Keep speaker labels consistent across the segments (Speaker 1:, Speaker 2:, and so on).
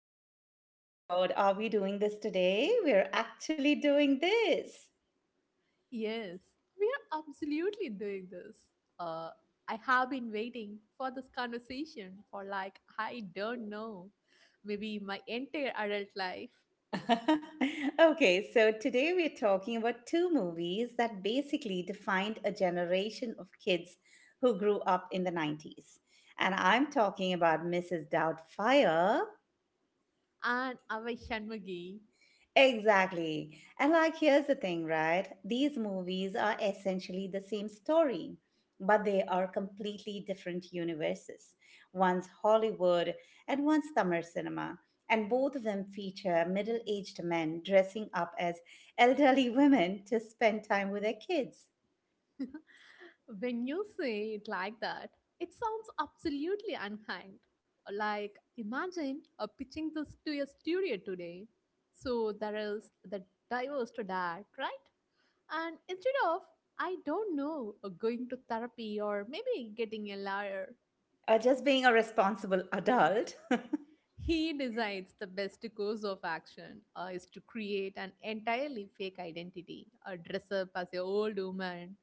Speaker 1: back. Oh my God, are we doing this today? We're actually doing this.
Speaker 2: Yes, we are absolutely doing this. Uh, I have been waiting for this conversation for like, I don't know, maybe my entire adult life.
Speaker 1: Okay, so today we're talking about two movies that basically defined a generation of kids who grew up in the 90s. And I'm talking about Mrs. Doubtfire.
Speaker 2: And Avai Shanmugam.
Speaker 1: Exactly. And, here's the thing, right? These movies are essentially the same story, but they are completely different universes. One's Hollywood and one's Tamil cinema. And both of them feature middle aged men dressing up as elderly women to spend time with their kids,
Speaker 2: When you say it like that, it sounds absolutely unkind. Like, imagine pitching this to a studio today. So there is the divorce to that, right? And instead of, I don't know, going to therapy or maybe getting a lawyer,
Speaker 1: or just being a responsible adult.
Speaker 2: he decides the best course of action is to create an entirely fake identity, dress up as an old woman,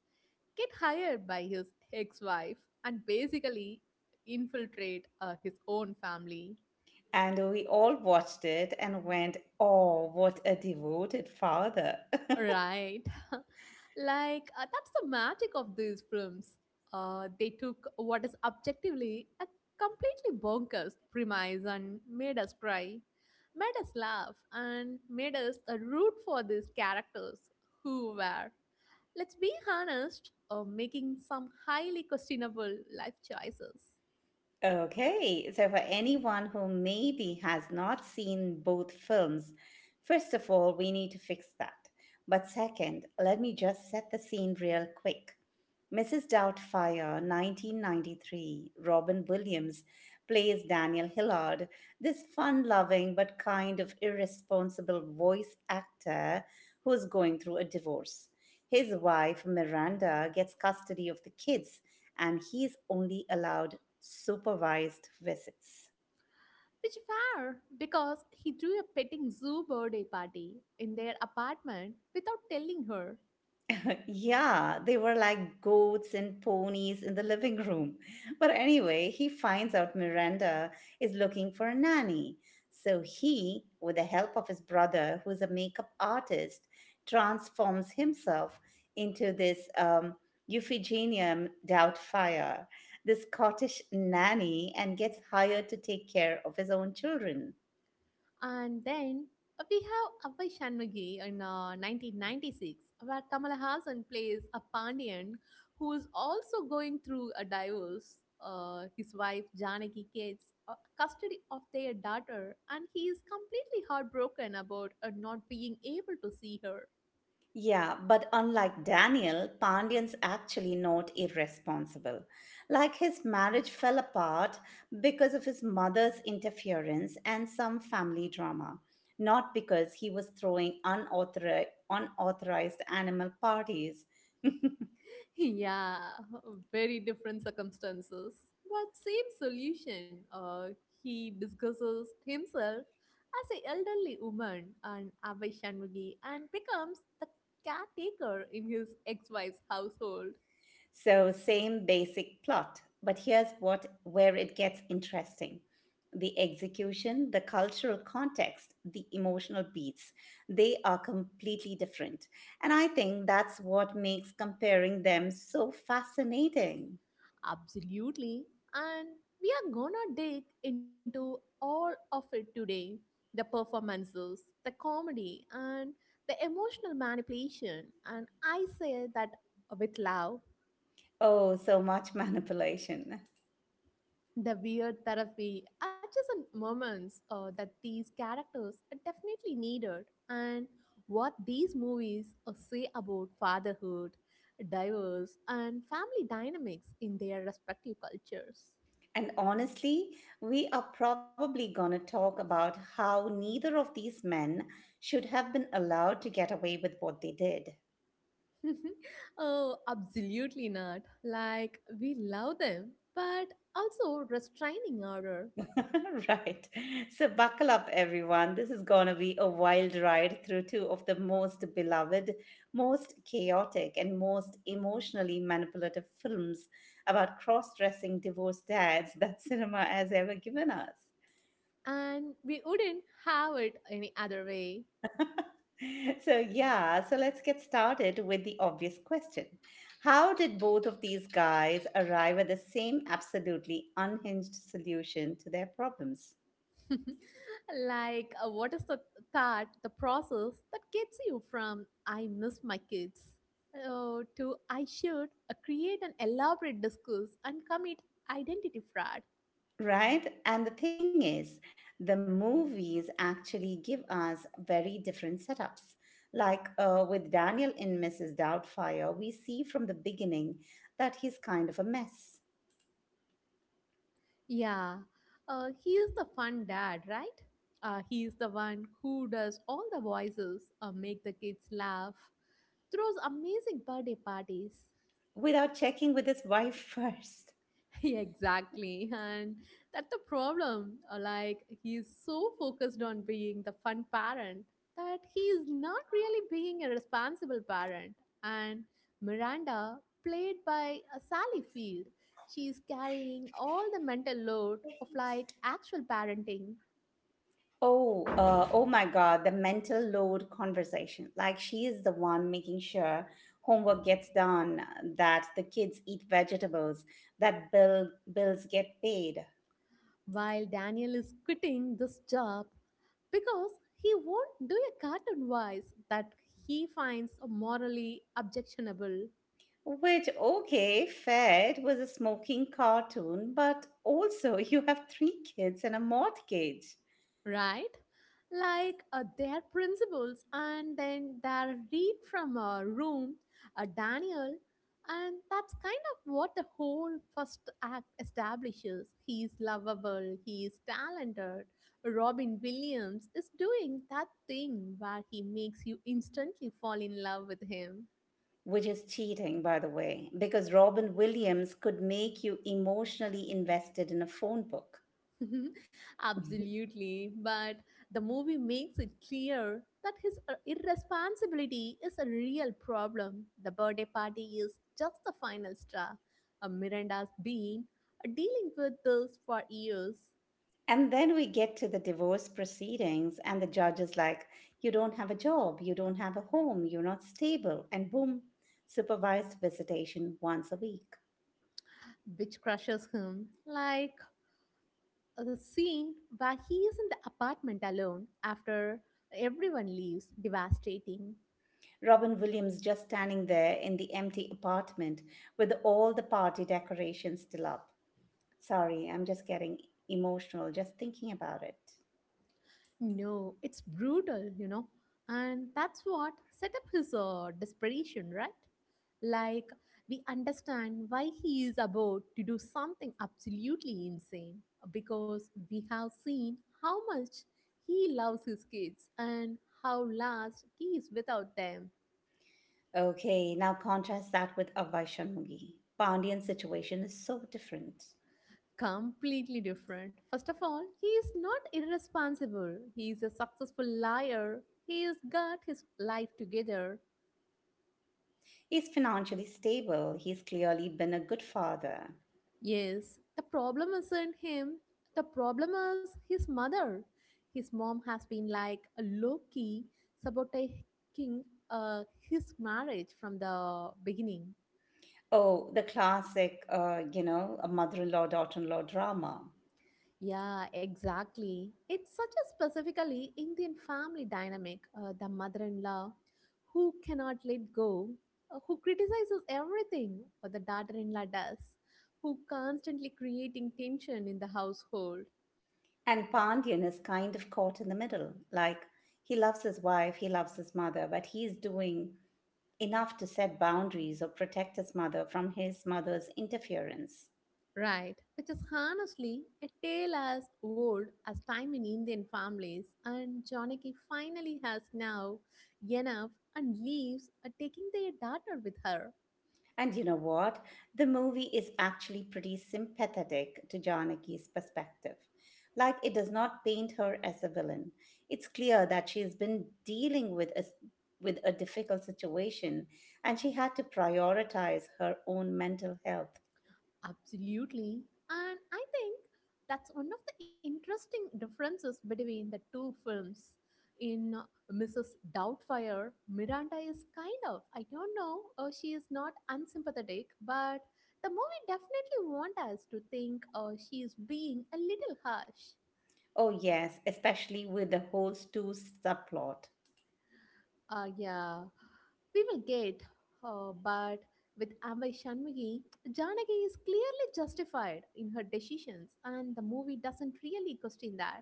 Speaker 2: get hired by his ex wife, and basically infiltrate his own family.
Speaker 1: And we all watched it and went, oh, what a devoted father.
Speaker 2: Right. Like, that's the magic of these films. They took what is objectively a completely bonkers premise and made us cry, made us laugh, and made us root for these characters who were, let's be honest, making some highly questionable life choices.
Speaker 1: Okay, so for anyone who maybe has not seen both films, first of all, we need to fix that. But second, let me just set the scene real quick. Mrs. Doubtfire, 1993, Robin Williams plays Daniel Hillard, this fun loving but kind of irresponsible voice actor who's going through a divorce. His wife, Miranda, gets custody of the kids and he's only allowed supervised visits.
Speaker 2: Which fair, because he threw a petting zoo birthday party in their apartment without telling her.
Speaker 1: Yeah, they were like goats and ponies in the living room. But anyway, he finds out Miranda is looking for a nanny. So he, with the help of his brother, who's a makeup artist, transforms himself into this Euphigenia Doubtfire, this Scottish nanny, and gets hired to take care of his own children.
Speaker 2: And then we have Avai Shanmughi in 1996, where Kamala Hassan plays a Pandian who is also going through a divorce. His wife Janaki gets custody of their daughter, and he is completely heartbroken about not being able to see her.
Speaker 1: Yeah, but unlike Daniel, Pandyan's actually not irresponsible. Like his marriage fell apart because of his mother's interference and some family drama, not because he was throwing unauthorized, animal parties.
Speaker 2: Yeah, very different circumstances, but same solution. He discusses himself as an elderly woman and Abhay Shanmugi, and becomes the caretaker in his ex-wife's household.
Speaker 1: So same basic plot, but here's what where it gets interesting. The execution, the cultural context, the emotional beats, they are completely different. And I think that's what makes comparing them so fascinating.
Speaker 2: Absolutely. And we are gonna dig into all of it today. The performances, the comedy, and the emotional manipulation. And I say that with love.
Speaker 1: Oh, so much manipulation.
Speaker 2: The weird therapy are just some moments that these characters are definitely needed, and what these movies say about fatherhood, divorce, and family dynamics in their respective cultures.
Speaker 1: And honestly, we are probably going to talk about how neither of these men should have been allowed to get away with what they did.
Speaker 2: Oh absolutely not. Like we love them, but also restraining order.
Speaker 1: Right. So buckle up, everyone. This is going to be a wild ride through two of the most beloved, most chaotic, and most emotionally manipulative films about cross dressing divorced dads that cinema has ever given us.
Speaker 2: And we wouldn't have it any other way.
Speaker 1: So, yeah, so let's get started with the obvious question. How did both of these guys arrive at the same absolutely unhinged solution to their problems?
Speaker 2: Like, what is the that the process that gets you from "I miss my kids" to "I should create an elaborate discourse and commit identity fraud"?
Speaker 1: Right? And the thing is, the movies actually give us very different setups. Like with Daniel in Mrs. Doubtfire, we see from the beginning that he's kind of a mess
Speaker 2: Yeah, he is the fun dad, right? He is the one who does all the voices, make the kids laugh, throws amazing birthday parties.
Speaker 1: without checking with his wife first.
Speaker 2: Exactly, and that's the problem. Like he's so focused on being the fun parent that he is not really being a responsible parent, and Miranda, played by Sally Field, she is carrying all the mental load of like actual parenting,
Speaker 1: Oh, oh my God, the mental load conversation. Like she is the one making sure homework gets done, that the kids eat vegetables, that bills get paid.
Speaker 2: while Daniel is quitting this job because he won't do a cartoon voice that he finds morally objectionable.
Speaker 1: Which, okay, Fed was a smoking cartoon, but also you have three kids and a mortgage,
Speaker 2: Right? Like, their principles, and then their read from a room, a Daniel, and that's kind of what the whole first act establishes. He's lovable, he's talented. Robin Williams is doing that thing where he makes you instantly fall in love with him.
Speaker 1: which is cheating, by the way, because Robin Williams could make you emotionally invested in a phone book.
Speaker 2: Mhm. Absolutely. But the movie makes it clear that his irresponsibility is a real problem. The birthday party is just the final straw. Miranda's been dealing with this for years,
Speaker 1: And then we get to the divorce proceedings, and the judge is like, "You don't have a job, you don't have a home, you're not stable," and boom, supervised visitation once a week.
Speaker 2: which crushes him. Like, the scene where he is in the apartment alone after everyone leaves, devastating.
Speaker 1: Robin Williams just standing there in the empty apartment with all the party decorations still up. Sorry, I'm just getting emotional just thinking about it.
Speaker 2: No, it's brutal, you know. And that's what set up his desperation, right? Like, we understand why he is about to do something absolutely insane, because we have seen how much he loves his kids and how last he is without them.
Speaker 1: Okay, now contrast that with Avai Shanmugi. Pandian's situation is so different.
Speaker 2: Completely different. First of all, he is not irresponsible. He is a successful liar. He has got his life together.
Speaker 1: He's financially stable. He's clearly been a good father.
Speaker 2: Yes, the problem isn't him. The problem is his mother. His mom has been like a low key sabotaging his marriage from the beginning.
Speaker 1: Oh, the classic, you know, a mother-in-law, daughter-in-law drama.
Speaker 2: Yeah, exactly. It's such a specifically Indian family dynamic. The mother in law who cannot let go, who criticizes everything, or the daughter in law does, who constantly creating tension in the household.
Speaker 1: And Pandian is kind of caught in the middle. Like, he loves his wife, he loves his mother, but he's doing enough to set boundaries or protect his mother from his mother's interference.
Speaker 2: Right, which is honestly a tale as old as time in Indian families. And Janaki finally has now enough and leaves, taking their daughter with her.
Speaker 1: And you know what? The movie is actually pretty sympathetic to Janaki's perspective. Like, it does not paint her as a villain. It's clear that she has been dealing with with a difficult situation and she had to prioritize her own mental health.
Speaker 2: Absolutely. And I think that's one of the interesting differences between the two films. In Mrs. Doubtfire, Miranda is kind of, I don't know, she is not unsympathetic, but the movie definitely wants us to think she is being a little harsh.
Speaker 1: Oh, yes, especially with the whole Stu subplot.
Speaker 2: Yeah, we will get, but with Ambai Shanmugi, Janaki is clearly justified in her decisions, and the movie doesn't really question that.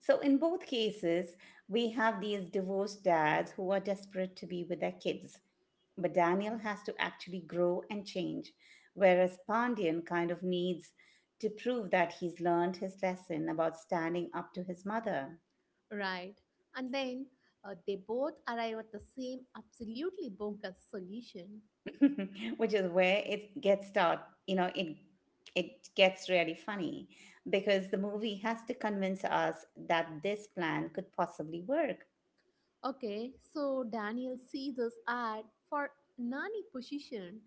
Speaker 1: So, in both cases, we have these divorced dads who are desperate to be with their kids, but Daniel has to actually grow and change, whereas Pandian kind of needs to prove that he's learned his lesson about standing up to his mother.
Speaker 2: Right. And then they both arrive at the same absolutely bonkers solution.
Speaker 1: Which is where it gets start, you know, it gets really funny because the movie has to convince us that this plan could possibly work.
Speaker 2: Okay, so Daniel sees this ad for nanny position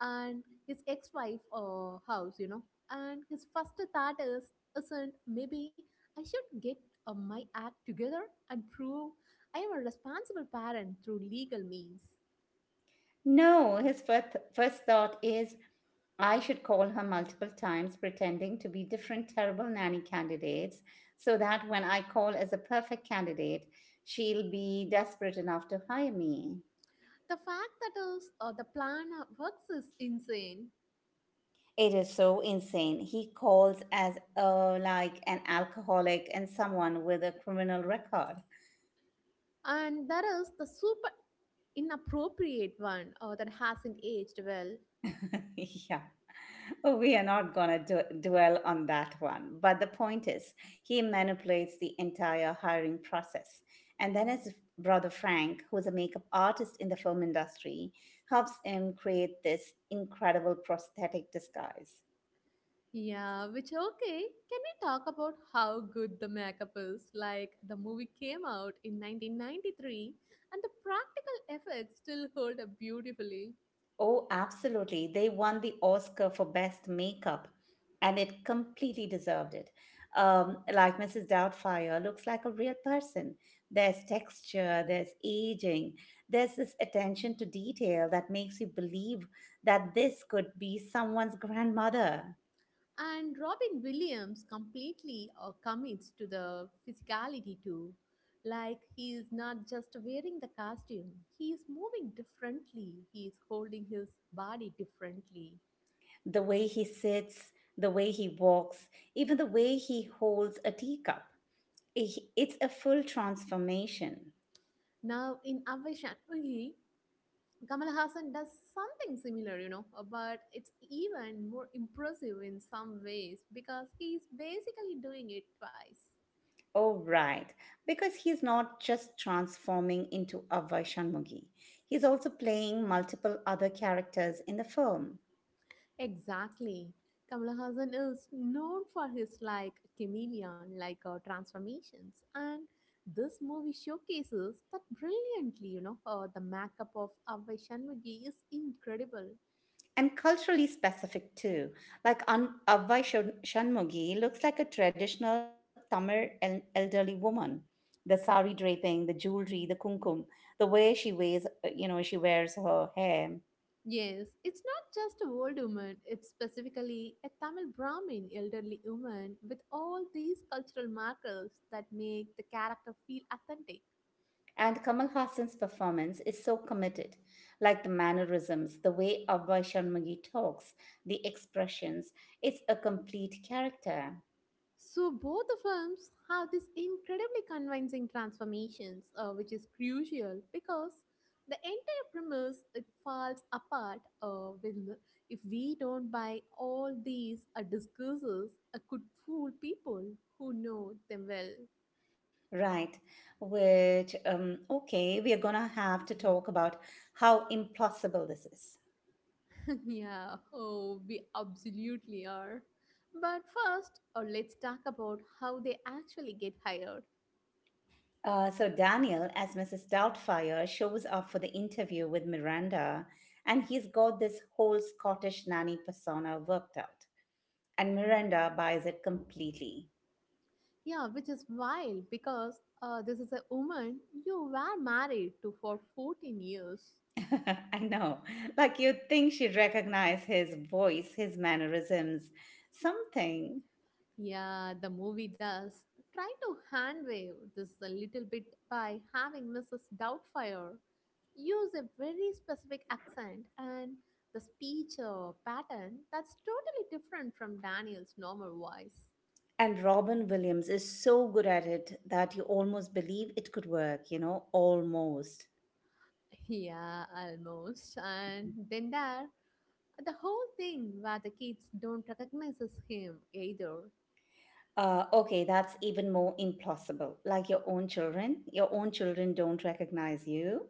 Speaker 2: and his ex-wife house, you know. And his first thought is, isn't maybe I should get my act together and prove I am a responsible parent through legal means.
Speaker 1: No, his first thought is, I should call her multiple times, pretending to be different terrible nanny candidates, so that when I call as a perfect candidate, she'll be desperate enough to hire me.
Speaker 2: The fact that is the plan works is insane.
Speaker 1: It is so insane. He calls as like an alcoholic and someone with a criminal record.
Speaker 2: And there is the super inappropriate one that hasn't aged well.
Speaker 1: Yeah. We are not going to dwell on that one. But the point is, he manipulates the entire hiring process. And then his brother Frank, who's a makeup artist in the film industry, helps him create this incredible prosthetic disguise.
Speaker 2: Yeah, which okay. Can we talk about how good the makeup is? Like the movie came out in 1993, and the practical effects still hold up beautifully.
Speaker 1: Oh, absolutely. They won the Oscar for Best Makeup, and it completely deserved it. Like Mrs. Doubtfire looks like a real person. There's texture, there's aging, there's this attention to detail that makes you believe that this could be someone's grandmother.
Speaker 2: And Robin Williams completely commits to the physicality too. Like he is not just wearing the costume, he is moving differently. He is holding his body differently.
Speaker 1: The way he sits, the way he walks, even the way he holds a teacup. It's a full transformation.
Speaker 2: Now, in Avai Chatterjee, Kamal Hassan does something similar, you know, but it's even more impressive in some ways because he's basically doing it twice.
Speaker 1: Oh, right. Because he's not just transforming into Avai Shanmugi, he's also playing multiple other characters in the film.
Speaker 2: Exactly. Kamal Hassan is known for his like chameleon like transformations, and this movie showcases that brilliantly, you know. The makeup of Avai Shanmugi is incredible.
Speaker 1: And culturally specific too. Like Shanmugi looks like a traditional Tamil elderly woman. The sari draping, the jewelry, the kumkum, the way she wears her hair.
Speaker 2: Yes, it's not just a old woman, it's specifically a Tamil Brahmin elderly woman with all these cultural markers that make the character feel authentic.
Speaker 1: And Kamal Hassan's performance is so committed, like the mannerisms, the way Abhay Sharmagi talks, the expressions. It's a complete character.
Speaker 2: So both the films have these incredibly convincing transformations, which is crucial because the entire premise it falls apart if we don't buy all these discourses could fool people who know them well.
Speaker 1: Right, which, okay, we are gonna have to talk about how impossible this is.
Speaker 2: Yeah, oh, we absolutely are. But first, let's talk about how they actually get hired.
Speaker 1: So, Daniel, as Mrs. Doubtfire, shows up for the interview with Miranda, and he's got this whole Scottish nanny persona worked out. And Miranda buys it completely.
Speaker 2: Yeah, which is wild because this is a woman you were married to for 14 years.
Speaker 1: I know. Like you'd think she'd recognize his voice, his mannerisms, something.
Speaker 2: Yeah, the movie does try to handwave this a little bit by having Mrs. Doubtfire use a very specific accent and the speech pattern that's totally different from Daniel's normal voice.
Speaker 1: And Robin Williams is so good at it that you almost believe it could work, you know, almost.
Speaker 2: Yeah, almost. And then there, the whole thing where the kids don't recognize him either.
Speaker 1: Okay, that's even more implausible. Like your own children, don't recognize you.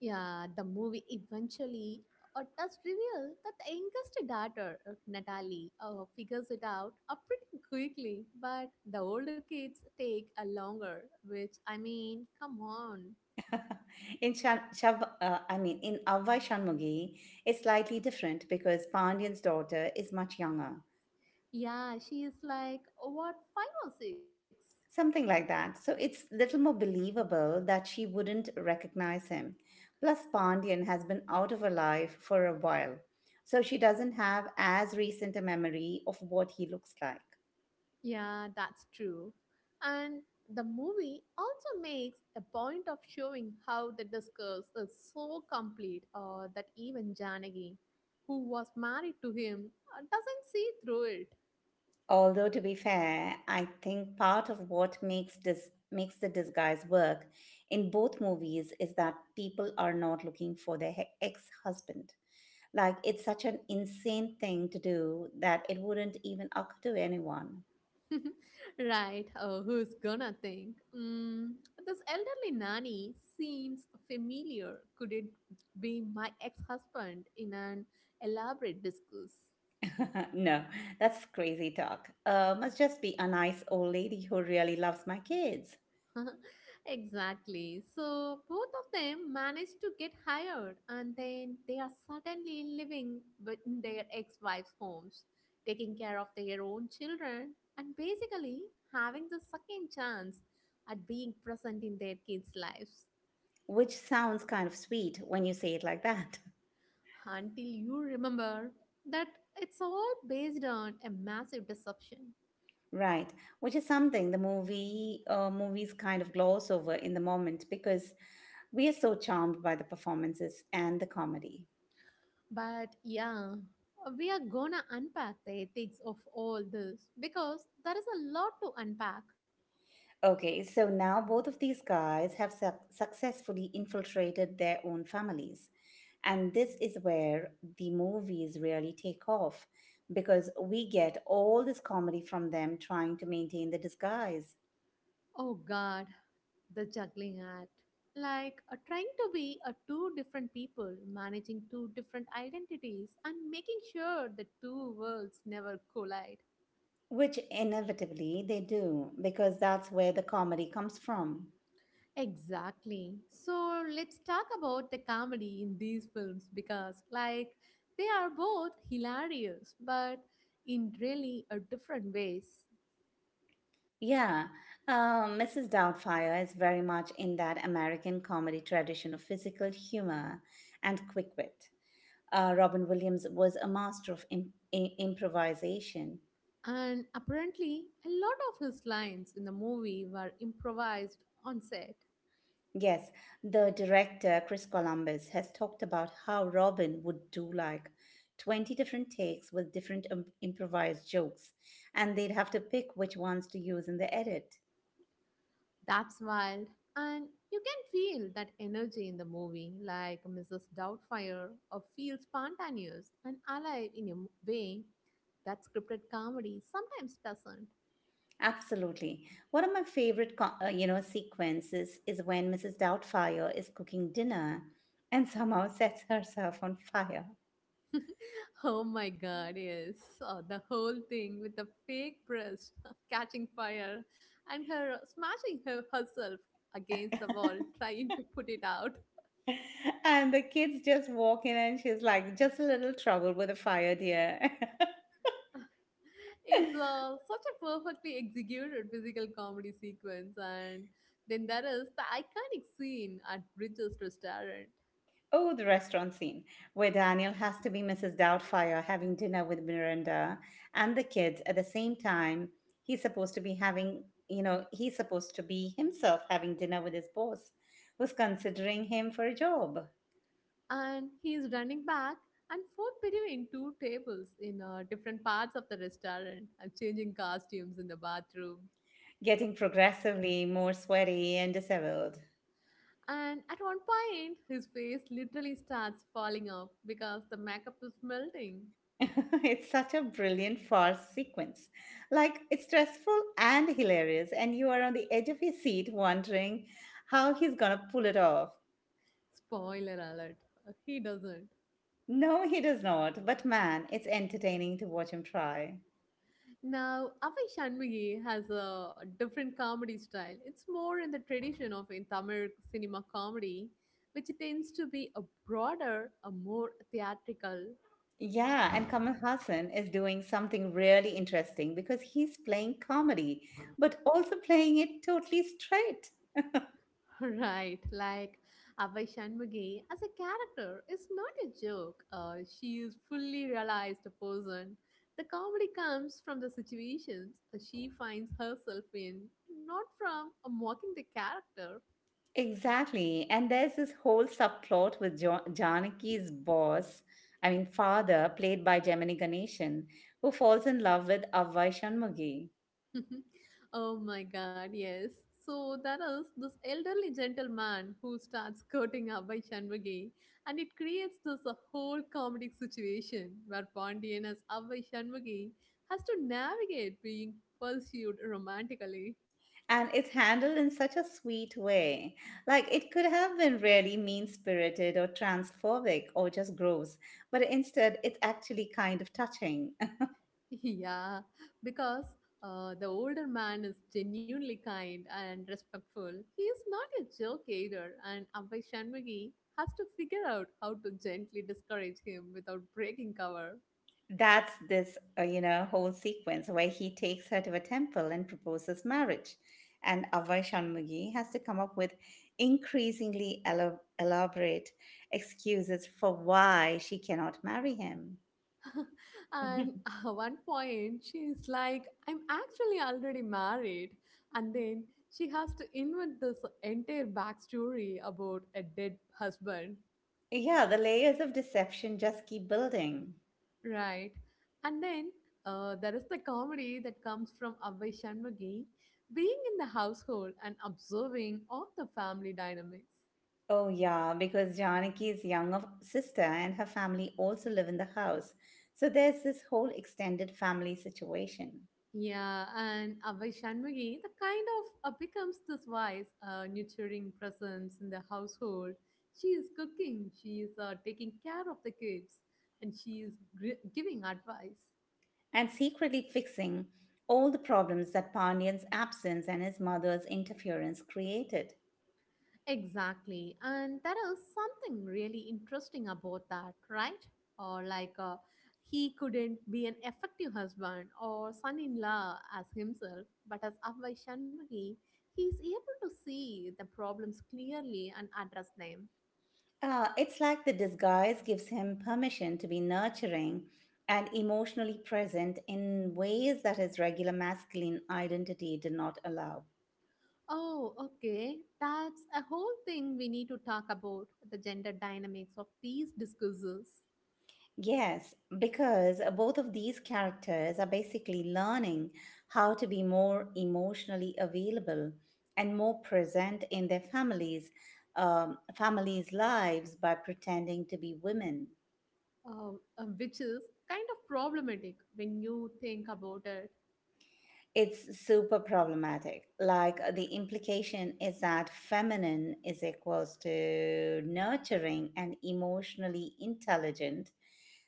Speaker 2: Yeah, the movie eventually does reveal that the youngest daughter, Natalie, figures it out pretty quickly, but the older kids take a longer, which, I mean, come on.
Speaker 1: in Shan- Shav, I mean, in Avvai Shanmugi, it's slightly different because Pandyan's daughter is much younger.
Speaker 2: Yeah, she is like, what, five or six?
Speaker 1: Something like that. So it's little more believable that she wouldn't recognize him. Plus, Pandian has been out of her life for a while, so she doesn't have as recent a memory of what he looks like.
Speaker 2: Yeah, that's true. And the movie also makes a point of showing how the discourse is so complete that even Janagi, who was married to him, doesn't see through it.
Speaker 1: Although, to be fair, I think part of what makes the disguise work in both movies is that people are not looking for their ex-husband. Like it's such an insane thing to do that it wouldn't even occur to anyone.
Speaker 2: Right, who's gonna think? Mm, this elderly nanny seems familiar. Could it be my ex husband in an elaborate discourse?
Speaker 1: No, that's crazy talk. Must just be a nice old lady who really loves my kids.
Speaker 2: Exactly. So both of them managed to get hired, and then they are suddenly living with- in their ex wives' homes, taking care of their own children, and basically having the second chance at being present in their kids' lives.
Speaker 1: Which sounds kind of sweet when you say it like that.
Speaker 2: Until you remember that it's all based on a massive deception.
Speaker 1: Right, which is something the movies kind of gloss over in the moment because we are so charmed by the performances and the comedy.
Speaker 2: But yeah, we are gonna unpack the ethics of all this, because there is a lot to unpack.
Speaker 1: Okay, so now both of these guys have successfully infiltrated their own families. And this is where the movies really take off because we get all this comedy from them trying to maintain the disguise,
Speaker 2: Oh god, the juggling act. Like, trying to be a two different people, managing two different identities, and making sure the two worlds never collide.
Speaker 1: which inevitably they do because that's where the comedy comes from.
Speaker 2: Exactly. So let's talk about the comedy in these films, because like they are both hilarious but in really a different ways.
Speaker 1: Yeah, Mrs. Doubtfire is very much in that American comedy tradition of physical humor and quick wit. Robin Williams was a master of improvisation.
Speaker 2: And apparently a lot of his lines in the movie were improvised on set.
Speaker 1: Yes, the director Chris Columbus has talked about how Robin would do like 20 different takes with different improvised jokes, and they'd have to pick which ones to use in the edit.
Speaker 2: That's wild. And you can feel that energy in the movie, like Mrs. Doubtfire, or feels spontaneous and alive in a way that scripted comedy sometimes doesn't.
Speaker 1: Absolutely. One of my favorite, sequences is when Mrs. Doubtfire is cooking dinner and somehow sets herself on fire.
Speaker 2: Oh my god, yes. The whole thing with the fake breast catching fire and her smashing herself against the wall trying to put it out.
Speaker 1: And the kids just walk in and she's like, "Just a little trouble with the fire, dear."
Speaker 2: It's such a perfectly executed physical comedy sequence, and then there is the iconic scene at Bridges restaurant.
Speaker 1: Oh, the restaurant scene where Daniel has to be Mrs. Doubtfire having dinner with Miranda and the kids at the same time. He's supposed to be having you know he's supposed to be himself having dinner with his boss who's considering him for a job,
Speaker 2: And he's running back and forth between two tables in different parts of the restaurant, and changing costumes in the bathroom,
Speaker 1: getting progressively more sweaty and disheveled.
Speaker 2: and at one point his face literally starts falling off because the makeup is melting.
Speaker 1: It's such a brilliant farce sequence. Like, it's stressful and hilarious, and you are on the edge of your seat wondering how he's gonna pull it off.
Speaker 2: Spoiler alert, he doesn't.
Speaker 1: No, he does not, but man, it's entertaining to watch him try.
Speaker 2: Now, Avai Shanmugi has a different comedy style. It's more in the tradition of in Tamil cinema comedy, which tends to be a broader, a more theatrical.
Speaker 1: Yeah, and Kamal Hassan is doing something really interesting because he's playing comedy, but also playing it totally straight.
Speaker 2: Right? Like Avai Shanmugi as a character is not a joke. She is fully realized a person. The comedy comes from the situations she finds herself in, not from mocking the character.
Speaker 1: Exactly. And there's this whole subplot with Janaki's boss, I mean, father, played by Gemini Ganeshan, who falls in love with Avvai Shanmugi.
Speaker 2: Oh my god, yes. So there is this elderly gentleman who starts courting Abhay Shanmugi, and it creates this whole comedic situation where Pondian as Abhay Shanmugi has to navigate being pursued romantically.
Speaker 1: And it's handled in such a sweet way. Like, it could have been really mean spirited or transphobic or just gross, but instead, it's actually kind of touching.
Speaker 2: Yeah, because the older man is genuinely kind and respectful. He is not a joke either, and Abhay Shanmugi has to figure out how to gently discourage him without breaking cover.
Speaker 1: That's this, whole sequence where he takes her to a temple and proposes marriage. And Avai Shanmugi has to come up with increasingly elaborate excuses for why she cannot marry him.
Speaker 2: And at one point, she's like, I'm actually already married. And then she has to invent this entire backstory about a dead husband,
Speaker 1: Yeah, the layers of deception just keep building.
Speaker 2: right? And then there is the comedy that comes from Avay Shanmugi being in the household and observing all the family dynamics.
Speaker 1: Oh, yeah, because Janaki's younger sister and her family also live in the house. So there's this whole extended family situation.
Speaker 2: Yeah, and Abhay Shanmugi, the kind of becomes this wise, nurturing presence in the household. She is cooking, she is taking care of the kids, and she is giving advice.
Speaker 1: And secretly fixing all the problems that Pandyan's absence and his mother's interference created.
Speaker 2: Exactly, and there is something really interesting about that, right? Or like he couldn't be an effective husband or son-in-law as himself, but as Abhay Shanmugi, he is able to see the problems clearly and address them.
Speaker 1: It's like the disguise gives him permission to be nurturing and emotionally present in ways that his regular masculine identity did not allow.
Speaker 2: Oh, okay. That's a whole thing we need to talk about the gender dynamics of these discourses,
Speaker 1: Yes, because both of these characters are basically learning how to be more emotionally available and more present in their families, families' lives by pretending to be women.
Speaker 2: uh, which is kind of problematic when you think about it,
Speaker 1: It's super problematic. Like, the implication is that feminine is equals to nurturing and emotionally intelligent,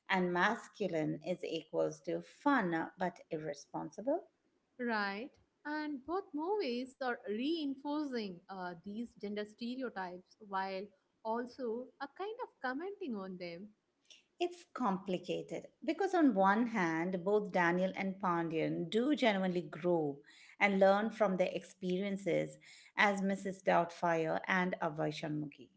Speaker 1: and masculine is equals to fun but irresponsible.
Speaker 2: right? And both movies are reinforcing these gender stereotypes while also a kind of commenting on them.
Speaker 1: It's complicated because, on one hand, both Daniel and Pandian do genuinely grow and learn from their experiences as Mrs. Doubtfire and Avai Shanmugi.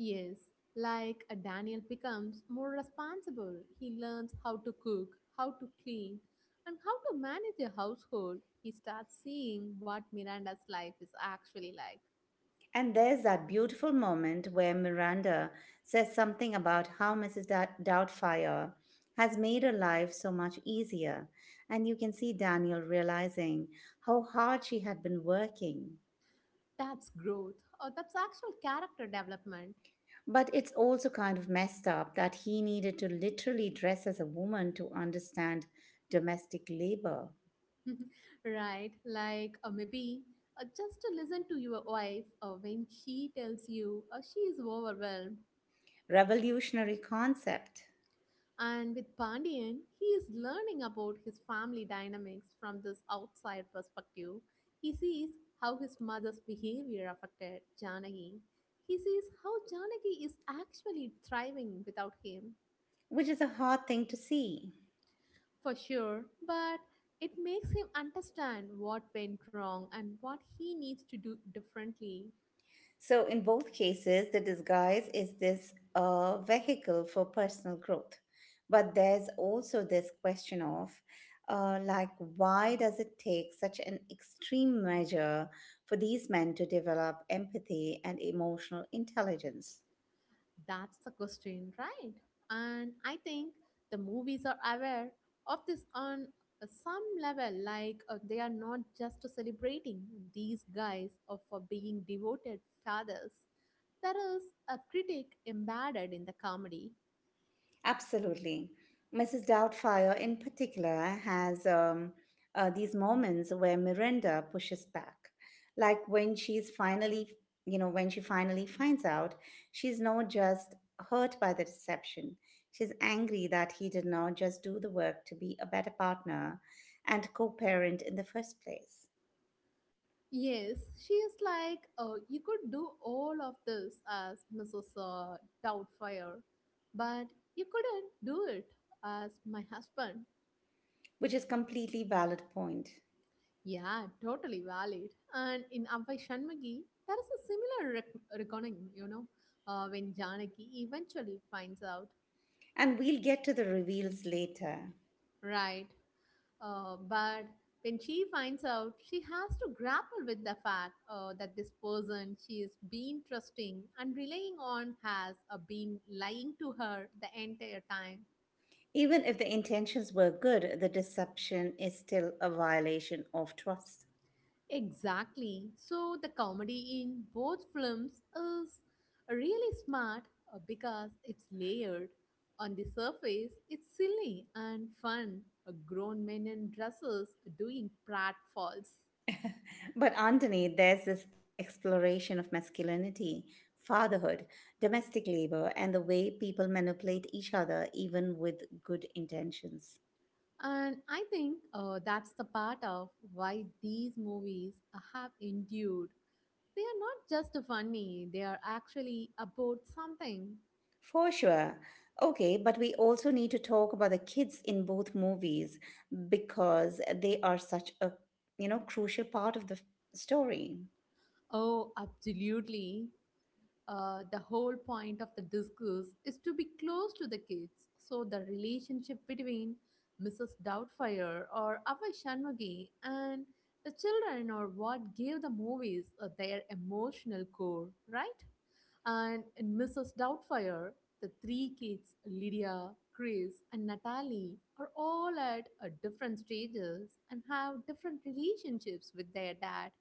Speaker 2: Yes, like a Daniel becomes more responsible. He learns how to cook, how to clean, and how to manage a household. He starts seeing what Miranda's life is actually like.
Speaker 1: And there's that beautiful moment where Miranda says something about how Mrs. Doubtfire has made her life so much easier, and you can see Daniel realizing how hard she had been working.
Speaker 2: That's growth, or that's actual character development.
Speaker 1: But it's also kind of messed up that he needed to literally dress as a woman to understand domestic labor.
Speaker 2: Right, like or maybe just to listen to your wife when she tells you she is overwhelmed.
Speaker 1: Revolutionary concept,
Speaker 2: And with Pandian, he is learning about his family dynamics from this outside perspective. He sees how his mother's behavior affected Janaki. He sees how Janaki is actually thriving without him,
Speaker 1: which is a hard thing to see.
Speaker 2: for sure, but it makes him understand what went wrong and what he needs to do differently.
Speaker 1: So, in both cases, the disguise is this a vehicle for personal growth. But there's also this question of, like, why does it take such an extreme measure for these men to develop empathy and emotional intelligence?
Speaker 2: That's the question, right? And I think the movies are aware of this on some level, like they are not just celebrating these guys or for being devoted fathers. There is a critic embedded in the comedy.
Speaker 1: Absolutely. Mrs. Doubtfire, in particular, has these moments where Miranda pushes back. Like when she's finally, you know, when she finally finds out, she's not just hurt by the deception. She's angry that he did not just do the work to be a better partner and co parent in the first place,
Speaker 2: Yes, she is like, oh, you could do all of this as Mrs. Doubtfire, but you couldn't do it as my husband.
Speaker 1: which is completely valid point.
Speaker 2: Yeah, totally valid. And in Avai Shanmagi, there is a similar reckoning, you know, when Janaki eventually finds out,
Speaker 1: And we'll get to the reveals later.
Speaker 2: right? But when she finds out, she has to grapple with the fact that this person she is been trusting and relying on has been lying to her the entire time.
Speaker 1: Even if the intentions were good, the deception is still a violation of trust.
Speaker 2: Exactly. So the comedy in both films is really smart because it's layered. On the surface, it's silly and fun. Grown men in dresses doing pratfalls.
Speaker 1: But underneath, there's this exploration of masculinity, fatherhood, domestic labor, and the way people manipulate each other, even with good intentions.
Speaker 2: And I think that's the part of why these movies have endured. They are not just funny, they are actually about something.
Speaker 1: For sure. Okay, but we also need to talk about the kids in both movies because they are such a, crucial part of the story.
Speaker 2: Oh, absolutely. The whole point of the discourse is to be close to the kids. So the relationship between Mrs. Doubtfire or Ava Shanmugam and the children or what gave the movies their emotional core, right? And in Mrs. Doubtfire, the three kids, Lydia, Chris, and Natalie, are all at different stages and have different relationships with their dad.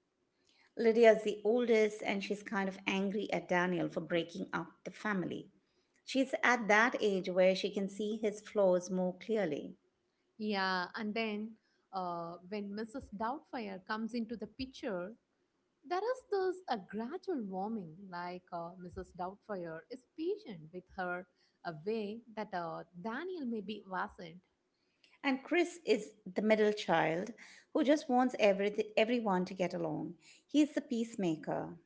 Speaker 1: Lydia is the oldest, and she's kind of angry at Daniel for breaking up the family. She's at that age where she can see his flaws more clearly.
Speaker 2: Yeah, and then when Mrs. Doubtfire comes into the picture, there is this a gradual warming. Like Mrs. Doubtfire is patient with her a way that Daniel maybe wasn't.
Speaker 1: And Chris is the middle child who just wants everyone to get along. He's the peacemaker.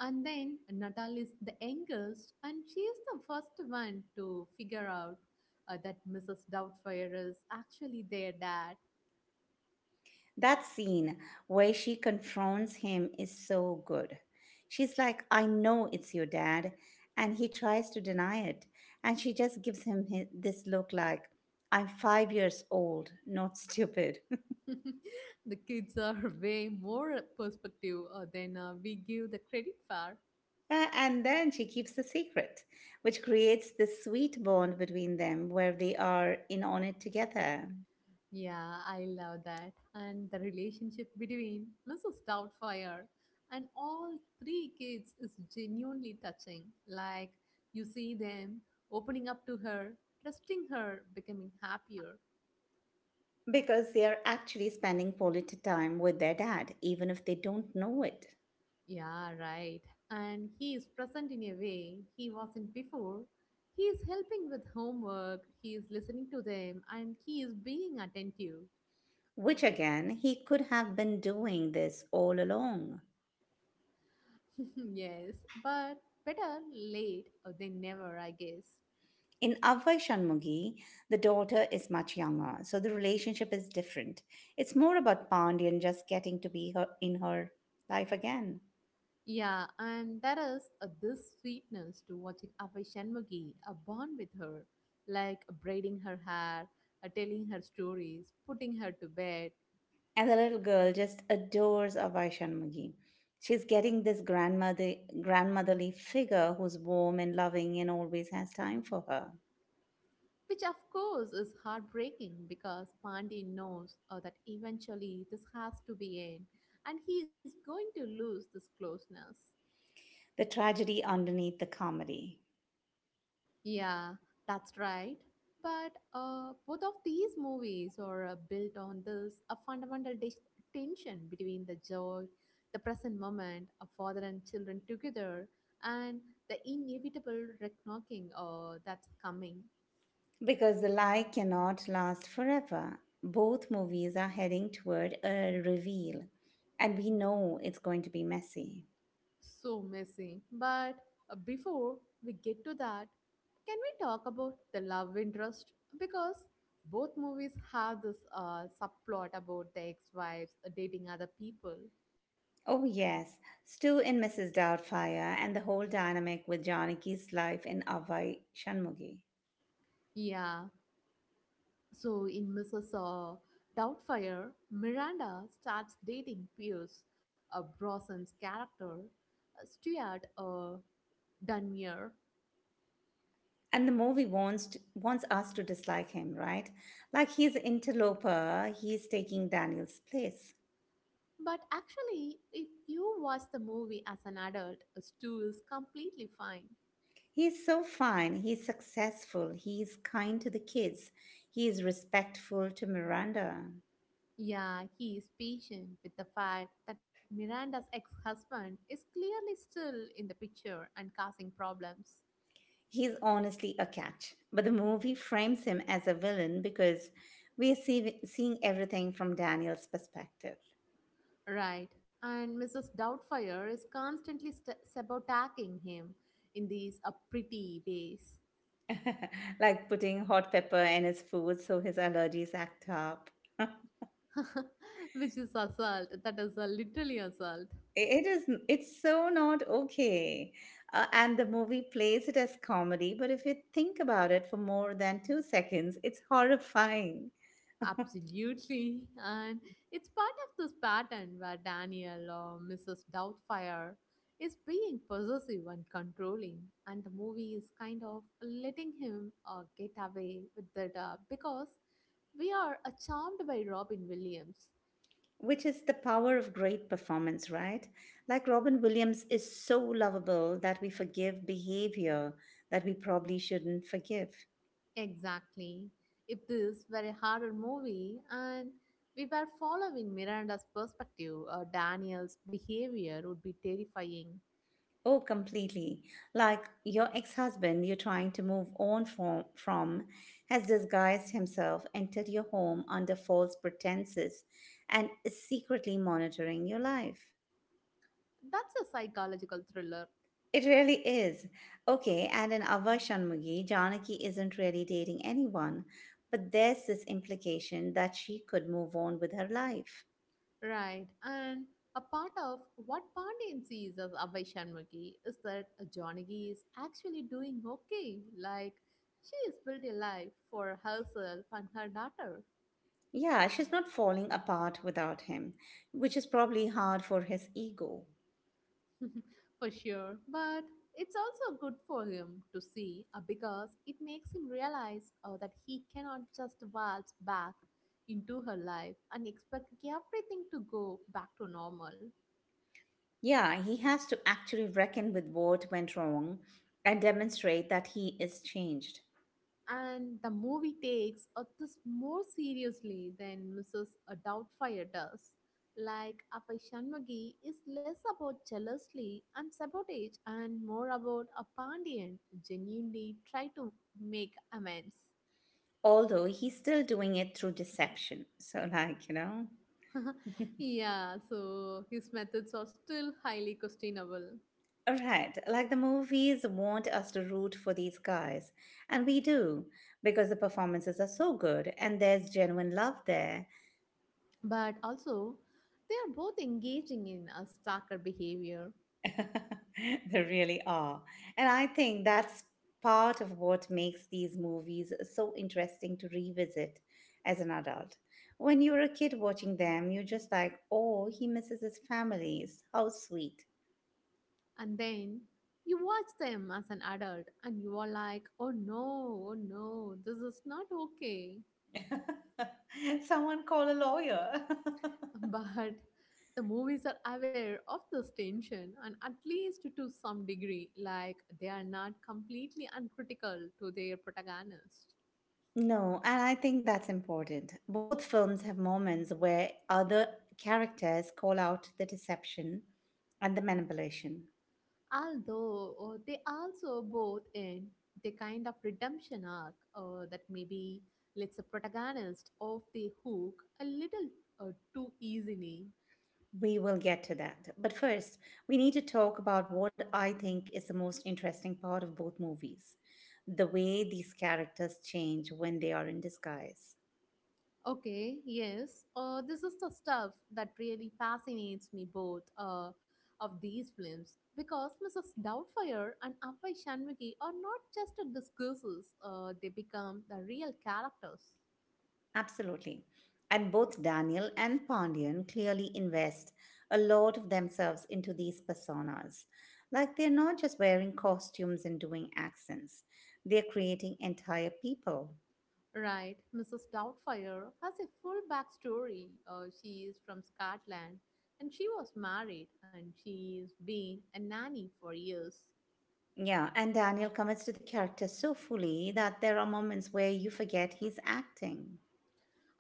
Speaker 2: And then Natal is the youngest, and she is the first one to figure out that Mrs. Doubtfire is actually their dad.
Speaker 1: That scene where she confronts him is so good. She's like, I know it's your dad. And he tries to deny it. And she just gives this look like, I'm 5 years old, not stupid.
Speaker 2: The kids are way more perspective than we give the credit for.
Speaker 1: And then she keeps the secret, which creates this sweet bond between them where they are in on it together
Speaker 2: Yeah, I love that. And the relationship between Mrs. Doubtfire and all three kids is genuinely touching. Like, you see them opening up to her, trusting her, becoming happier.
Speaker 1: because they are actually spending quality time with their dad, even if they don't know it.
Speaker 2: Yeah, right. And he is present in a way he wasn't before. He is helping with homework, he is listening to them, and he is being attentive.
Speaker 1: Which again, he could have been doing this all along.
Speaker 2: Yes, but better late than never, I guess.
Speaker 1: In Avvai Shanmugi, the daughter is much younger, so the relationship is different. It's more about Pandian just getting to be her in her life again.
Speaker 2: Yeah, and there is a, this sweetness to watching Avai Shanmugi a bond with her, like braiding her hair, telling her stories, putting her to bed,
Speaker 1: And the little girl just adores Avvai Shanmugi. She's getting this grandmotherly figure who's warm and loving and always has time for her.
Speaker 2: which of course is heartbreaking because Pandey knows that eventually this has to be end, and he is going to lose this closeness.
Speaker 1: The tragedy underneath the comedy.
Speaker 2: Yeah, that's right. But both of these movies are built on this a fundamental tension between the joy, the present moment, a father and children together, and the inevitable reckoning that's coming.
Speaker 1: Because the lie cannot last forever. Both movies are heading toward a reveal, and we know it's going to be messy.
Speaker 2: So messy. But before we get to that, can we talk about the love interest? Because both movies have this subplot about the ex-wives dating other people.
Speaker 1: Oh, yes, Stu in Mrs. Doubtfire, and the whole dynamic with Janaki's life in Avai Shanmugi.
Speaker 2: Yeah, so in Mrs. Doubtfire, Miranda starts dating Pierce, Brosnan's character, Stuart Dunmere.
Speaker 1: And the movie wants us to dislike him, right? Like he's interloper, he's taking Daniel's place.
Speaker 2: But actually, if you watch the movie as an adult, Stu is completely fine.
Speaker 1: He's so fine, he's successful, he's kind to the kids, he is respectful to Miranda.
Speaker 2: Yeah, he is patient with the fact that Miranda's ex-husband is clearly still in the picture and causing problems.
Speaker 1: He's honestly a catch, but the movie frames him as a villain because we are seeing everything from Daniel's perspective.
Speaker 2: Right, and Mrs. Doubtfire is constantly sabotaging him in these pretty ways,
Speaker 1: Like putting hot pepper in his food so his allergies act up.
Speaker 2: which is assault. That is literally assault.
Speaker 1: It is. It's so not okay, and the movie plays it as comedy. But if you think about it for more than 2 seconds, it's horrifying.
Speaker 2: Absolutely, and it's part of this pattern where Daniel or Mrs. Doubtfire is being possessive and controlling, and the movie is kind of letting him get away with that because we are charmed by Robin Williams.
Speaker 1: Which is the power of great performance, right? Like Robin Williams is so lovable that we forgive behavior that we probably shouldn't forgive.
Speaker 2: Exactly. If this were a horror movie and we were following Miranda's perspective, Daniel's behavior would be terrifying.
Speaker 1: Oh, completely. Like your ex husband you're trying to move on from has disguised himself, entered your home under false pretenses, and is secretly monitoring your life.
Speaker 2: That's a psychological thriller,
Speaker 1: It really is. Okay, and in Ava Shanmugi, Janaki isn't really dating anyone, but there's this implication that she could move on with her life.
Speaker 2: right? And a part of what Pandian sees as Abhay Shanmugi is that Janagi is actually doing okay. Like, she has built a life for herself and her daughter.
Speaker 1: Yeah, she's not falling apart without him, which is probably hard for his ego.
Speaker 2: For sure. But it's also good for him to see because it makes him realize that he cannot just waltz back into her life and expect everything to go back to normal.
Speaker 1: Yeah, he has to actually reckon with what went wrong and demonstrate that he is changed,
Speaker 2: And the movie takes this more seriously than Mrs. Doubtfire does. Like Apai Shanmughi is less about jealousy and sabotage and more about a Pandian genuinely try to make amends.
Speaker 1: although he's still doing it through deception. So, like.
Speaker 2: Yeah, so his methods are still highly questionable.
Speaker 1: Right, like the movies want us to root for these guys, and we do because the performances are so good and there's genuine love there.
Speaker 2: But also, they are both engaging in a stalker behavior.
Speaker 1: There really are. And I think that's part of what makes these movies so interesting to revisit as an adult. When you're a kid watching them, you're just like, oh, he misses his family. How sweet.
Speaker 2: And then you watch them as an adult and you are like, oh no, oh no, this is not okay.
Speaker 1: Someone call a lawyer.
Speaker 2: But the movies are aware of this tension and at least to some degree, like they are not completely uncritical to their protagonist.
Speaker 1: No, and I think that's important. Both films have moments where other characters call out the deception and the manipulation.
Speaker 2: Although they also both end the kind of redemption arc that maybe lets the protagonist off the hook a little uh, too easily.
Speaker 1: We will get to that. But first, we need to talk about what I think is the most interesting part of both movies, the way these characters change when they are in disguise.
Speaker 2: Okay, yes, this is the stuff that really fascinates me both of these films because Mrs. Doubtfire and Afai Shanmugi are not just discourses, they become the real characters.
Speaker 1: Absolutely. And both Daniel and Pandian clearly invest a lot of themselves into these personas. Like they're not just wearing costumes and doing accents, they're creating entire people.
Speaker 2: Right, Mrs. Doubtfire has a full backstory. She is from Scotland and she was married and she's been a nanny for years.
Speaker 1: Yeah, and Daniel commits to the character so fully that there are moments where you forget he's acting.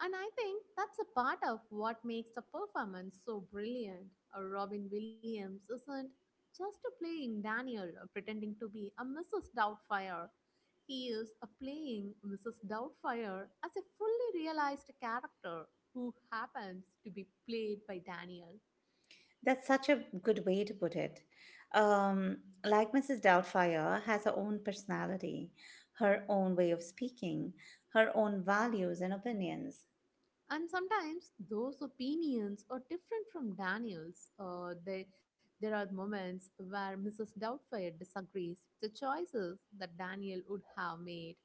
Speaker 2: And I think that's a part of what makes the performance so brilliant. Robin Williams isn't just playing Daniel pretending to be a Mrs. Doubtfire. He is playing Mrs. Doubtfire as a fully realized character who happens to be played by Daniel.
Speaker 1: That's such a good way to put it. Um, like Mrs. Doubtfire has her own personality, her own way of speaking, her own values and opinions.
Speaker 2: And sometimes those opinions are different from Daniel's. There are moments where Mrs. Doubtfire disagrees with the choices that Daniel would have made.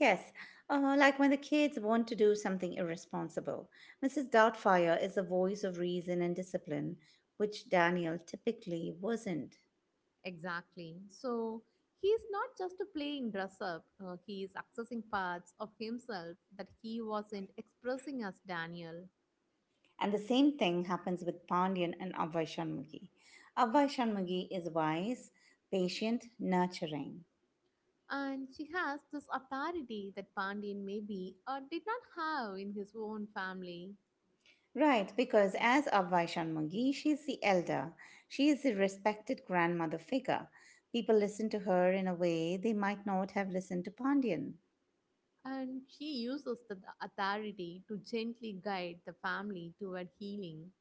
Speaker 1: Yes, like when the kids want to do something irresponsible. Mrs. Doubtfire is the voice of reason and discipline, which Daniel typically wasn't.
Speaker 2: Exactly. So he's not just playing dress up, he is accessing parts of himself that he wasn't expressing as Daniel.
Speaker 1: And the same thing happens with Pandyan and Abhay Shanmugi. Abhay Shanmugi is wise, patient, nurturing.
Speaker 2: And she has this authority that Pandian maybe did not have in his own family.
Speaker 1: Right, because as Abhay Shanmugi, she's the elder. She is the respected grandmother figure. People listen to her in a way they might not have listened to Pandyan.
Speaker 2: And she uses that authority to gently guide the family toward healing.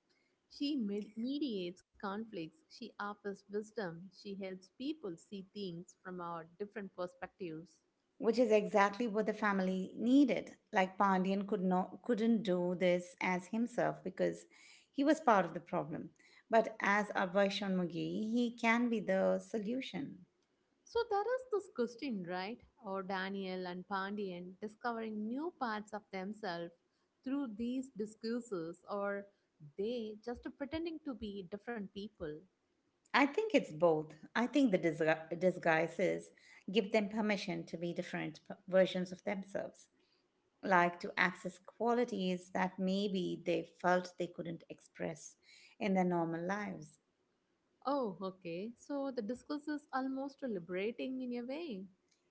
Speaker 2: She mediates conflicts, she offers wisdom, she helps people see things from our different perspectives.
Speaker 1: Which is exactly what the family needed. Like Pandian couldn't do this as himself because he was part of the problem. But as Abhay Shanmugi, he can be the solution.
Speaker 2: So there is this question, right? Or Daniel and Pandian discovering new parts of themselves through these discourses, or they just pretending to be different people.
Speaker 1: I think it's both. I think the disguises give them permission to be different versions of themselves, like to access qualities that maybe they felt they couldn't express in their normal lives.
Speaker 2: Oh, okay. So the discourse is almost liberating in a way.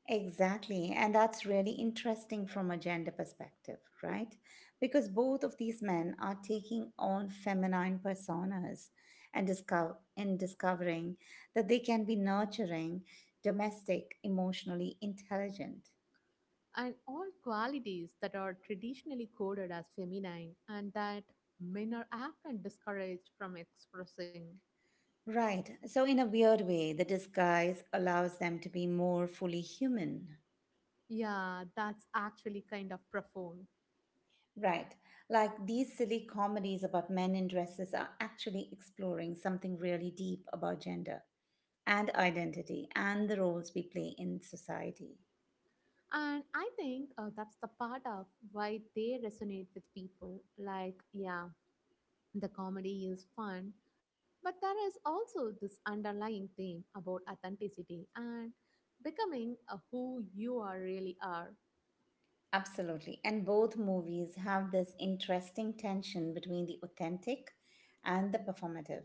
Speaker 1: Exactly. And that's really interesting from a gender perspective, right? Because both of these men are taking on feminine personas and discovering that they can be nurturing, domestic, emotionally intelligent.
Speaker 2: And all qualities that are traditionally coded as feminine and that men are often discouraged from expressing.
Speaker 1: Right. So in a weird way, the disguise allows them to be more fully human.
Speaker 2: Yeah, that's actually kind of profound.
Speaker 1: Right. Like these silly comedies about men in dresses are actually exploring something really deep about gender, and identity and the roles we play in society.
Speaker 2: And I think that's the part of why they resonate with people. Like, yeah, the comedy is fun, but there is also this underlying theme about authenticity and becoming who you are really are.
Speaker 1: Absolutely. And both movies have this interesting tension between the authentic and the performative.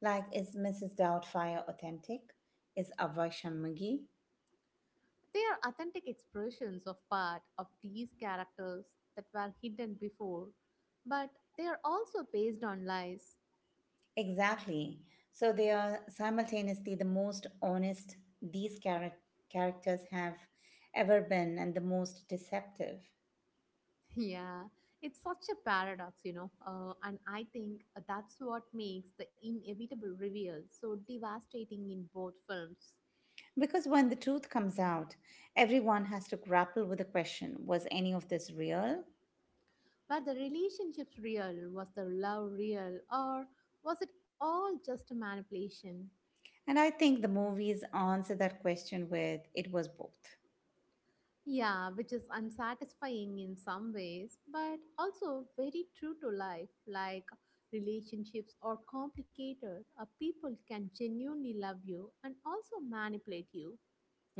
Speaker 1: Like, is Mrs. Doubtfire authentic? Is Abhay Shanmugi?
Speaker 2: They are authentic expressions of part of these characters that were hidden before, but they are also based on lies.
Speaker 1: Exactly. So they are simultaneously the most honest these characters have ever been and the most deceptive.
Speaker 2: Yeah, it's such a paradox, you know, and I think that's what makes the inevitable reveal so devastating in both films.
Speaker 1: Because when the truth comes out, everyone has to grapple with the question, was any of this real?
Speaker 2: Were the relationships real? Was the love real? Or was it all just a manipulation?
Speaker 1: And I think the movies answer that question with it was both.
Speaker 2: Yeah, which is unsatisfying in some ways, but also very true to life. Like relationships are complicated. People can genuinely love you and also manipulate you.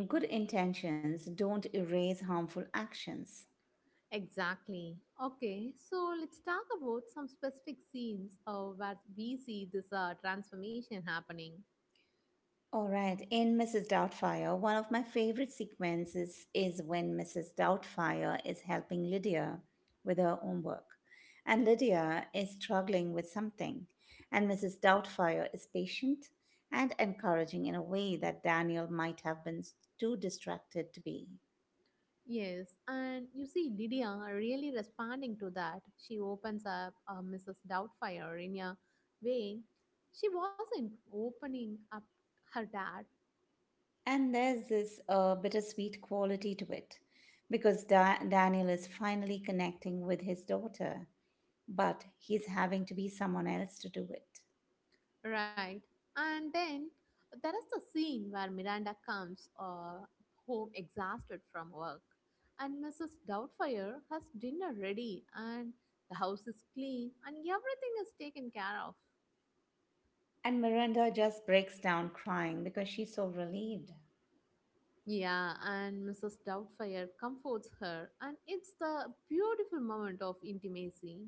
Speaker 1: Good intentions don't erase harmful actions.
Speaker 2: Exactly. Okay, so let's talk about some specific scenes where we see this transformation happening.
Speaker 1: All right, in Mrs. Doubtfire, one of my favorite sequences is when Mrs. Doubtfire is helping Lydia with her homework. And Lydia is struggling with something, and Mrs. Doubtfire is patient and encouraging in a way that Daniel might have been too distracted to be.
Speaker 2: Yes, and you see Lydia really responding to that. She opens up Mrs. Doubtfire in a way she wasn't opening up her dad,
Speaker 1: And there's this bittersweet quality to it because Daniel is finally connecting with his daughter, but he's having to be someone else to do it.
Speaker 2: right? And then there is the scene where Miranda comes home exhausted from work, and Mrs. Doubtfire has dinner ready, and the house is clean, and everything is taken care of.
Speaker 1: And Miranda just breaks down crying because she's so relieved.
Speaker 2: Yeah, and Mrs. Doubtfire comforts her, and it's the beautiful moment of intimacy.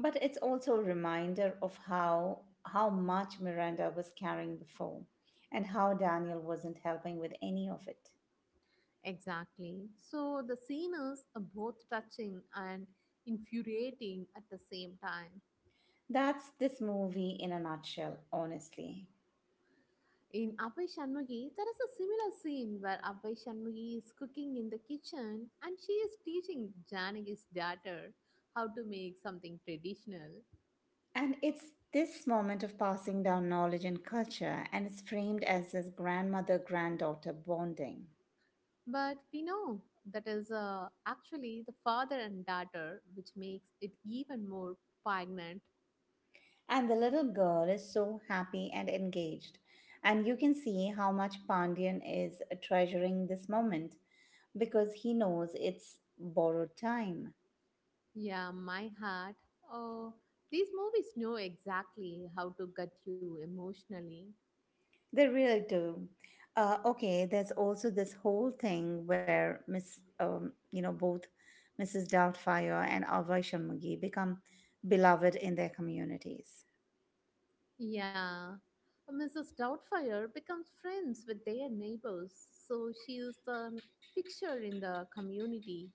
Speaker 1: But it's also a reminder of how much Miranda was carrying before and how Daniel wasn't helping with any of it.
Speaker 2: Exactly. So the scene is both touching and infuriating at the same time.
Speaker 1: That's this movie in a nutshell, honestly.
Speaker 2: In Abhay Shanmugi, there is a similar scene where Abhay Shanmugi is cooking in the kitchen and she is teaching Janaki's daughter how to make something traditional.
Speaker 1: And it's this moment of passing down knowledge and culture and it's framed as this grandmother granddaughter bonding.
Speaker 2: But we know that is actually the father and daughter, which makes it even more poignant.
Speaker 1: And the little girl is so happy and engaged. And you can see how much Pandian is treasuring this moment because he knows it's borrowed time.
Speaker 2: Yeah, my heart. Oh, these movies know exactly how to gut you emotionally.
Speaker 1: They really do. Okay, there's also this whole thing where both Mrs. Doubtfire and Ava Shanmugi become beloved in their communities.
Speaker 2: Yeah. Mrs. Doubtfire becomes friends with their neighbors, so she is the picture in the community.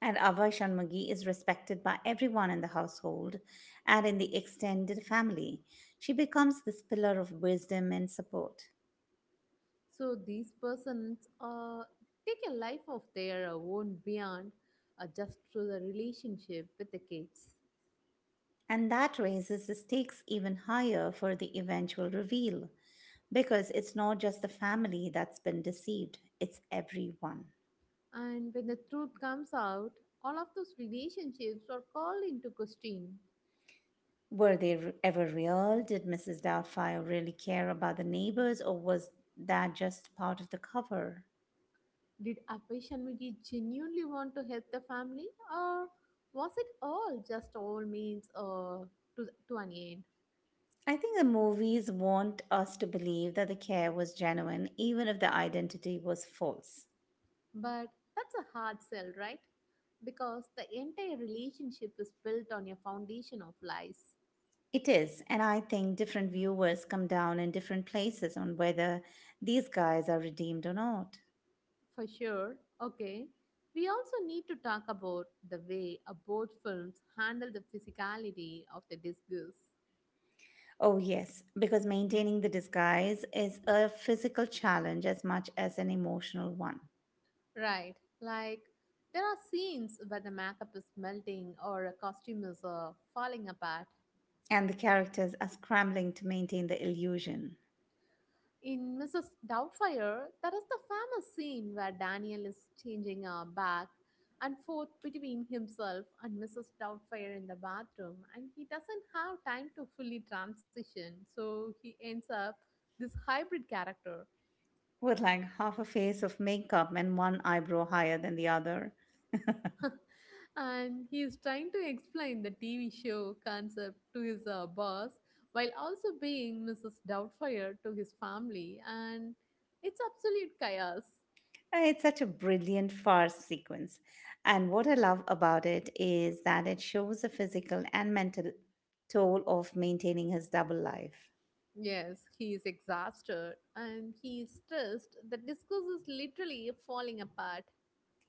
Speaker 1: And Ava Shanmugi is respected by everyone in the household and in the extended family. She becomes this pillar of wisdom and support.
Speaker 2: So these persons take a life of their own beyond just through the relationship with the kids.
Speaker 1: And that raises the stakes even higher for the eventual reveal, because it's not just the family that's been deceived, it's everyone.
Speaker 2: And when the truth comes out, all of those relationships are called into question.
Speaker 1: Ever real? Did Mrs. Doubtfire really care about the neighbors, or was that just part of the cover?
Speaker 2: Did Abhay Shanmugi genuinely want to help the family, or was it all just all means to an end?
Speaker 1: I think the movies want us to believe that the care was genuine, even if the identity was false.
Speaker 2: But that's a hard sell, right? Because the entire relationship is built on a foundation of lies.
Speaker 1: It is, and I think different viewers come down in different places on whether these guys are redeemed or not.
Speaker 2: For sure, okay. We also need to talk about the way both films handle the physicality of the disguise.
Speaker 1: Oh, yes, because maintaining the disguise is a physical challenge as much as an emotional one.
Speaker 2: Right. Like there are scenes where the makeup is melting or a costume is falling apart.
Speaker 1: And the characters are scrambling to maintain the illusion,
Speaker 2: In Mrs. Doubtfire, that is the famous scene where Daniel is changing back and forth between himself and Mrs. Doubtfire in the bathroom, and he doesn't have time to fully transition, so he ends up this hybrid character.
Speaker 1: with like half a face of makeup and one eyebrow higher than the other.
Speaker 2: And he is trying to explain the TV show concept to his boss while also being Mrs. Doubtfire to his family, and it's absolute chaos.
Speaker 1: It's such a brilliant farce sequence. And what I love about it is that it shows the physical and mental toll of maintaining his double life.
Speaker 2: Yes, he is exhausted and he is stressed. The discourse is literally falling apart.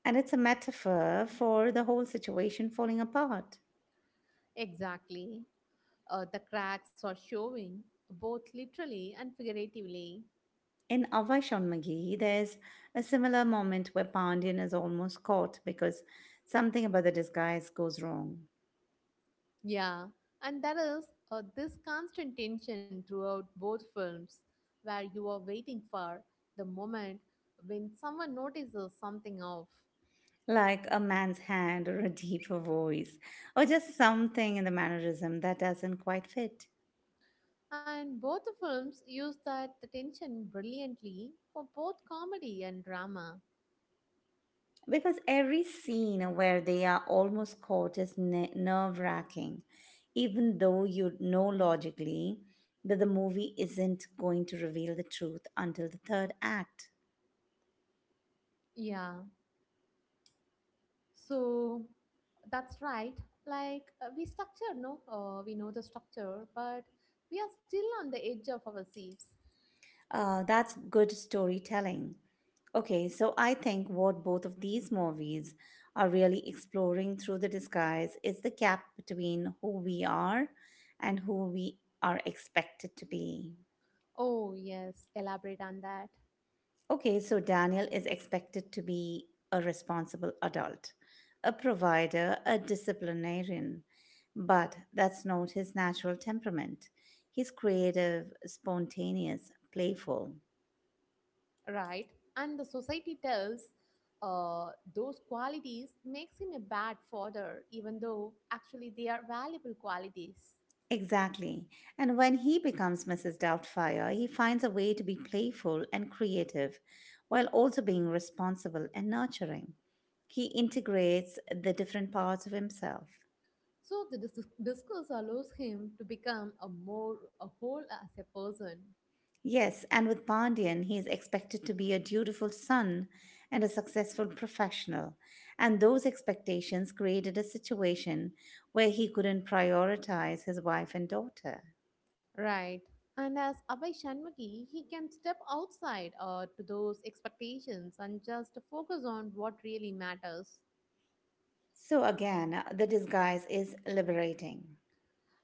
Speaker 1: And it's a metaphor for the whole situation falling apart.
Speaker 2: Exactly. The cracks are showing, both literally and figuratively.
Speaker 1: In Avai Shonmagi, there's a similar moment where Pandian is almost caught because something about the disguise goes wrong.
Speaker 2: Yeah, and there is this constant tension throughout both films where you are waiting for the moment when someone notices something off.
Speaker 1: Like a man's hand or a deeper voice, or just something in the mannerism that doesn't quite fit.
Speaker 2: And both the films use that the tension brilliantly for both comedy and drama.
Speaker 1: Because every scene where they are almost caught is nerve wracking, even though you know logically that the movie isn't going to reveal the truth until the third act.
Speaker 2: Yeah, so that's right. Like we structure, no, we know the structure, but we are still on the edge of our seats.
Speaker 1: That's good storytelling. Okay, so I think what both of these movies are really exploring through the disguise is the gap between who we are and who we are expected to be.
Speaker 2: Oh yes, elaborate on that.
Speaker 1: Okay, so Daniel is expected to be a responsible adult, a provider, a disciplinarian. But that's not his natural temperament. He's creative, spontaneous, playful.
Speaker 2: Right, and the society tells uh, those qualities makes him a bad father even though actually they are valuable qualities.
Speaker 1: Exactly. And when he becomes Mrs. Doubtfire, he finds a way to be playful and creative while also being responsible and nurturing. He integrates the different parts of himself.
Speaker 2: So the discourse allows him to become a more a whole as a person.
Speaker 1: Yes, and with Pandian, he is expected to be a dutiful son and a successful professional. And those expectations created a situation where he couldn't prioritize his wife and daughter.
Speaker 2: Right, and as Abhay Shanmughi he can step outside to those expectations and just focus on what really matters.
Speaker 1: So again, the disguise is liberating.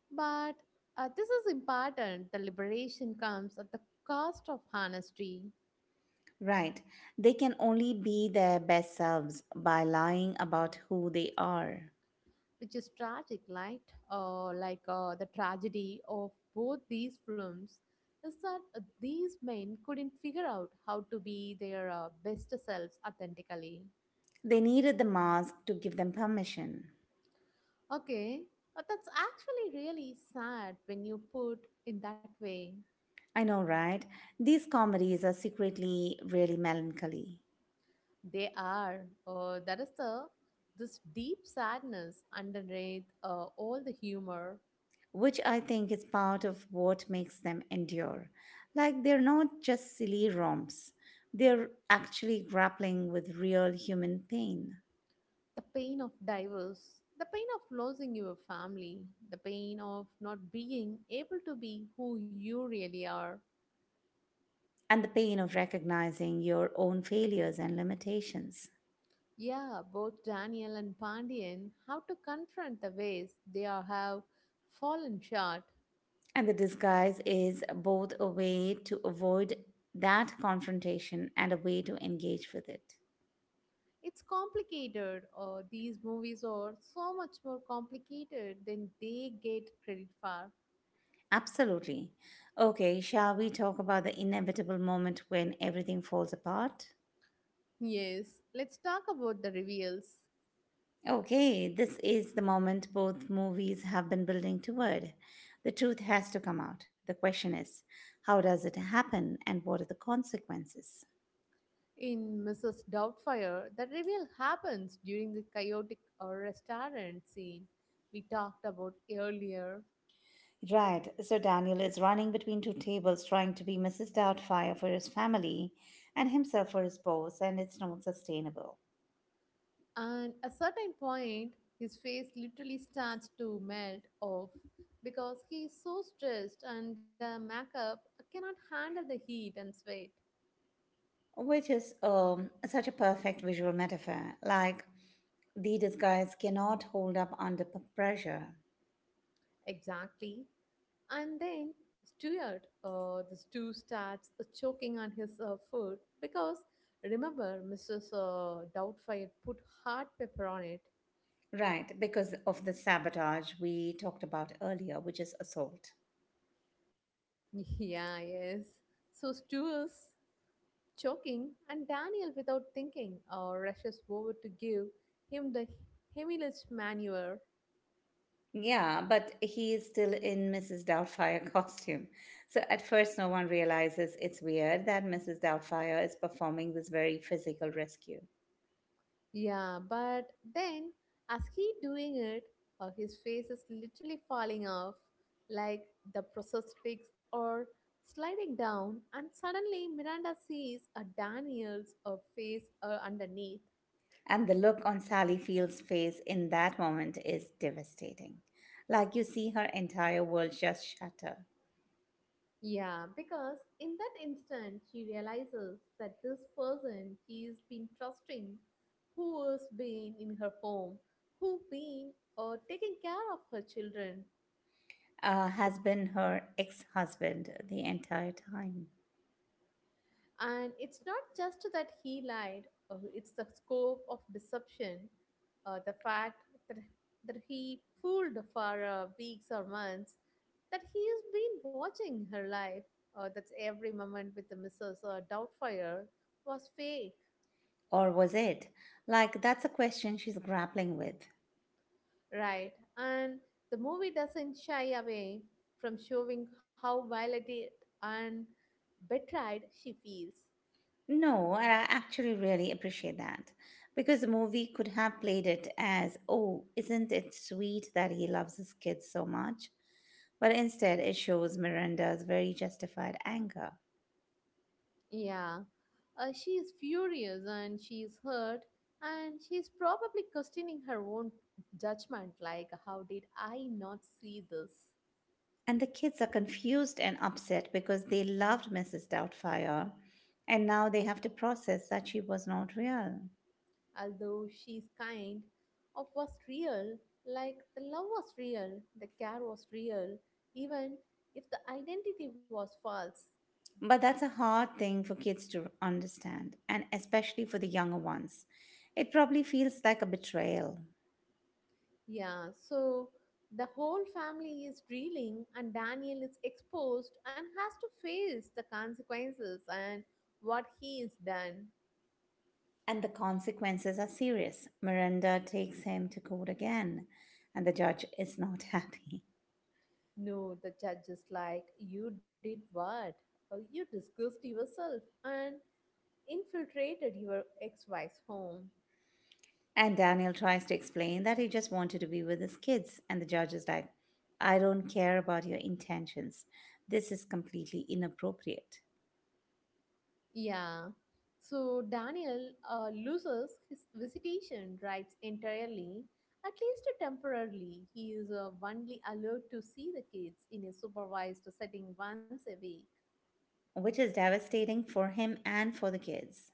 Speaker 2: But this is important, the liberation comes at the cost of honesty,
Speaker 1: Right. They can only be their best selves by lying about who they are.
Speaker 2: which is tragic, right? Like the tragedy of both these films is that these men couldn't figure out how to be their best selves authentically.
Speaker 1: They needed the mask to give them permission.
Speaker 2: Okay, that's actually really sad when you put in that way.
Speaker 1: I know, right? These comedies are secretly really melancholy.
Speaker 2: They are. That is the this deep sadness underneath all the humor.
Speaker 1: Which I think is part of what makes them endure. Like they're not just silly romps, they're actually grappling with real human pain
Speaker 2: The pain of divorce, the pain of losing your family, the pain of not being able to be who you really are.
Speaker 1: and the pain of recognizing your own failures and limitations.
Speaker 2: Yeah, both Daniel and Pandian have to confront the ways they are, have fallen short.
Speaker 1: And the disguise is both a way to avoid that confrontation and a way to engage with it.
Speaker 2: It's complicated, or these movies are so much more complicated than they get credit for.
Speaker 1: Absolutely. Okay, shall we talk about the inevitable moment when everything falls apart?
Speaker 2: Yes, let's talk about the reveals.
Speaker 1: Okay, this is the moment both movies have been building toward. The truth has to come out. The question is, how does it happen and what are the consequences?
Speaker 2: In Mrs. Doubtfire, the reveal happens during the chaotic restaurant scene we talked about earlier.
Speaker 1: Right, so Daniel is running between two tables trying to be Mrs. Doubtfire for his family and himself for his boss, and it's not sustainable.
Speaker 2: And a certain point, his face literally starts to melt off because he is so stressed and the makeup cannot handle the heat and sweat.
Speaker 1: Which is such a perfect visual metaphor. Like, the disguise cannot hold up under pressure.
Speaker 2: Exactly. And then Stuart, the stew starts choking on his food because remember, Mrs. Doubtfire put hot pepper on it.
Speaker 1: Right, because of the sabotage we talked about earlier, which is assault.
Speaker 2: Yeah, yes. So Stu is choking, and Daniel, without thinking, rushes over to give him the Heimlich maneuver.
Speaker 1: Yeah, but he is still in Mrs. Doubtfire costume. So at first, no one realizes it's weird that Mrs. Doubtfire is performing this very physical rescue.
Speaker 2: Yeah, but then, as he doing it, his face is literally falling off, like the processed pigs are sliding down, and suddenly Miranda sees a Daniel's face underneath.
Speaker 1: And the look on Sally Field's face in that moment is devastating. Like you see her entire world just shatter.
Speaker 2: Yeah, because in that instant she realizes that this person she's been trusting, who has been in her home, who been taking care of her children,
Speaker 1: Has been her ex husband the entire time.
Speaker 2: and it's not just that he lied. It's the scope of deception, the fact that he fooled for weeks or months, that he has been watching her life. That's every moment with the Mrs. Doubtfire was fake.
Speaker 1: Or was it? Like, that's a question she's grappling with.
Speaker 2: Right. And the movie doesn't shy away from showing how violated and betrayed she feels.
Speaker 1: No, and I actually really appreciate that because the movie could have played it as, oh, isn't it sweet that he loves his kids so much? But instead, it shows Miranda's very justified anger.
Speaker 2: Yeah. She is furious and she is hurt and she is probably questioning her own judgment, like, how did I not see this?
Speaker 1: And the kids are confused and upset because they loved Mrs. Doubtfire and now they have to process that she was not real.
Speaker 2: Although she is kind of was real, like the love was real, the care was real, even if the identity was false.
Speaker 1: But that's a hard thing for kids to understand, and especially for the younger ones. It probably feels like a betrayal.
Speaker 2: Yeah, so the whole family is reeling, and Daniel is exposed and has to face the consequences and what he has done.
Speaker 1: And the consequences are serious. Miranda takes him to court again, and the judge is not happy.
Speaker 2: No, the judge is like, "You did what? Oh, you disgraced yourself and infiltrated your ex wife's home."
Speaker 1: And Daniel tries to explain that he just wanted to be with his kids, and the judge is like, I don't care about your intentions. This is completely inappropriate,
Speaker 2: Yeah. So Daniel loses his visitation rights entirely, at least temporarily. He is only allowed to see the kids in a supervised setting once a week.
Speaker 1: which is devastating for him and for the kids.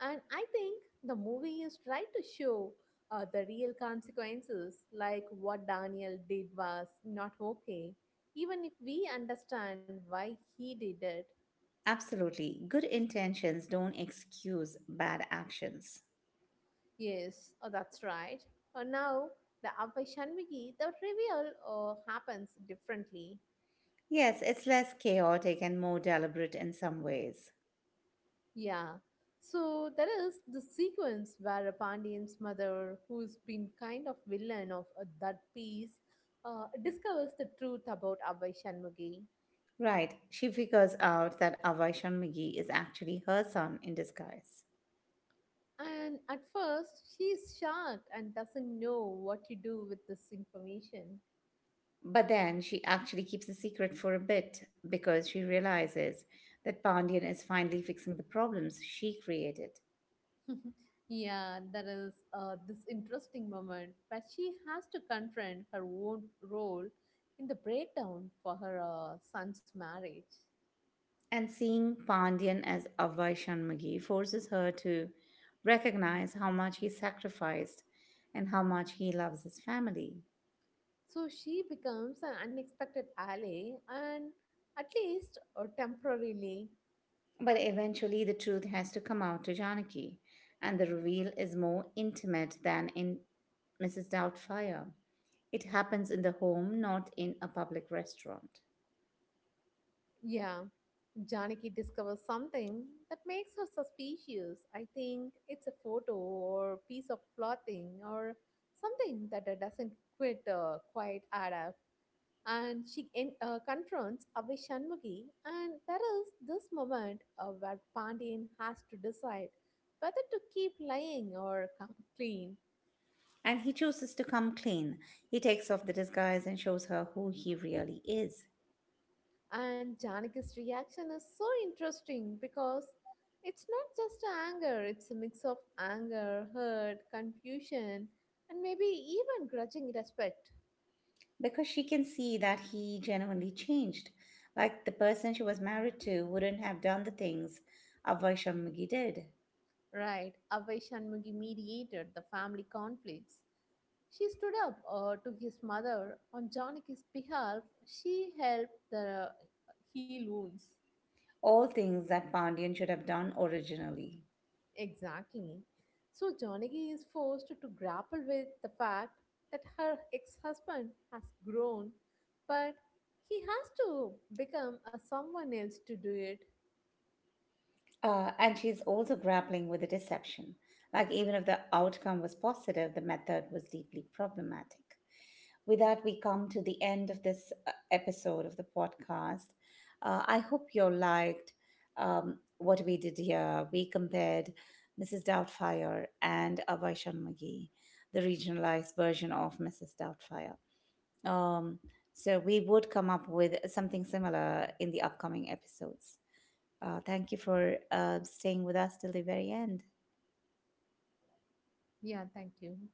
Speaker 2: And I think the movie is trying to show the real consequences, like what Daniel did was not okay, even if we understand why he did it.
Speaker 1: Absolutely. Good intentions don't excuse bad actions.
Speaker 2: Yes, oh, that's right. Now, the Abhay Shanmigi, the reveal happens differently.
Speaker 1: Yes, it's less chaotic and more deliberate in some ways.
Speaker 2: Yeah. So there is the sequence where Pandian's mother, who's been kind of villain of that piece, discovers the truth about Abhay Shanmugi.
Speaker 1: Right, she figures out that Avaishan McGee is actually her son in disguise.
Speaker 2: And at first, she is shocked and doesn't know what to do with this information.
Speaker 1: But then she actually keeps the secret for a bit because she realizes that Pandian is finally fixing the problems she created.
Speaker 2: Yeah, there is this interesting moment, but she has to confront her own role in the breakdown for her son's marriage.
Speaker 1: And seeing Pandian as Avaishan McGee forces her to recognize how much he sacrificed and how much he loves his family.
Speaker 2: So she becomes an unexpected ally, and at least or temporarily,
Speaker 1: But eventually, the truth has to come out to Janaki, and the reveal is more intimate than in Mrs. Doubtfire. It happens in the home, not in a public restaurant.
Speaker 2: yeah, Janaki discovers something that makes her suspicious. I think it's a photo or piece of clothing or something that doesn't quite add up. And she confronts Abhay Shanmugi. And there is this moment where Pandian has to decide whether to keep lying or come clean.
Speaker 1: And he chooses to come clean. He takes off the disguise and shows her who he really is.
Speaker 2: And Janaki's reaction is so interesting because it's not just anger, it's a mix of anger, hurt, confusion, and maybe even grudging respect.
Speaker 1: Because she can see that he genuinely changed. Like the person she was married to wouldn't have done the things Avaishamagi did.
Speaker 2: Right, Avai Shanmugi mediated the family conflicts. She stood up to his mother on Janaki's behalf. She helped the heal wounds.
Speaker 1: All things that Pandian should have done originally.
Speaker 2: Exactly. So Janaki is forced to grapple with the fact that her ex-husband has grown, but he has to become a someone else to do it.
Speaker 1: And she's also grappling with the deception. Like, even if the outcome was positive, the method was deeply problematic. With that, we come to the end of this episode of the podcast. I hope you liked what we did here. We compared Mrs. Doubtfire and Abhay Sharmagi, the regionalized version of Mrs. Doubtfire. Um, so, we would come up with something similar in the upcoming episodes. Thank you for staying with us till the very end.
Speaker 2: Yeah, thank you.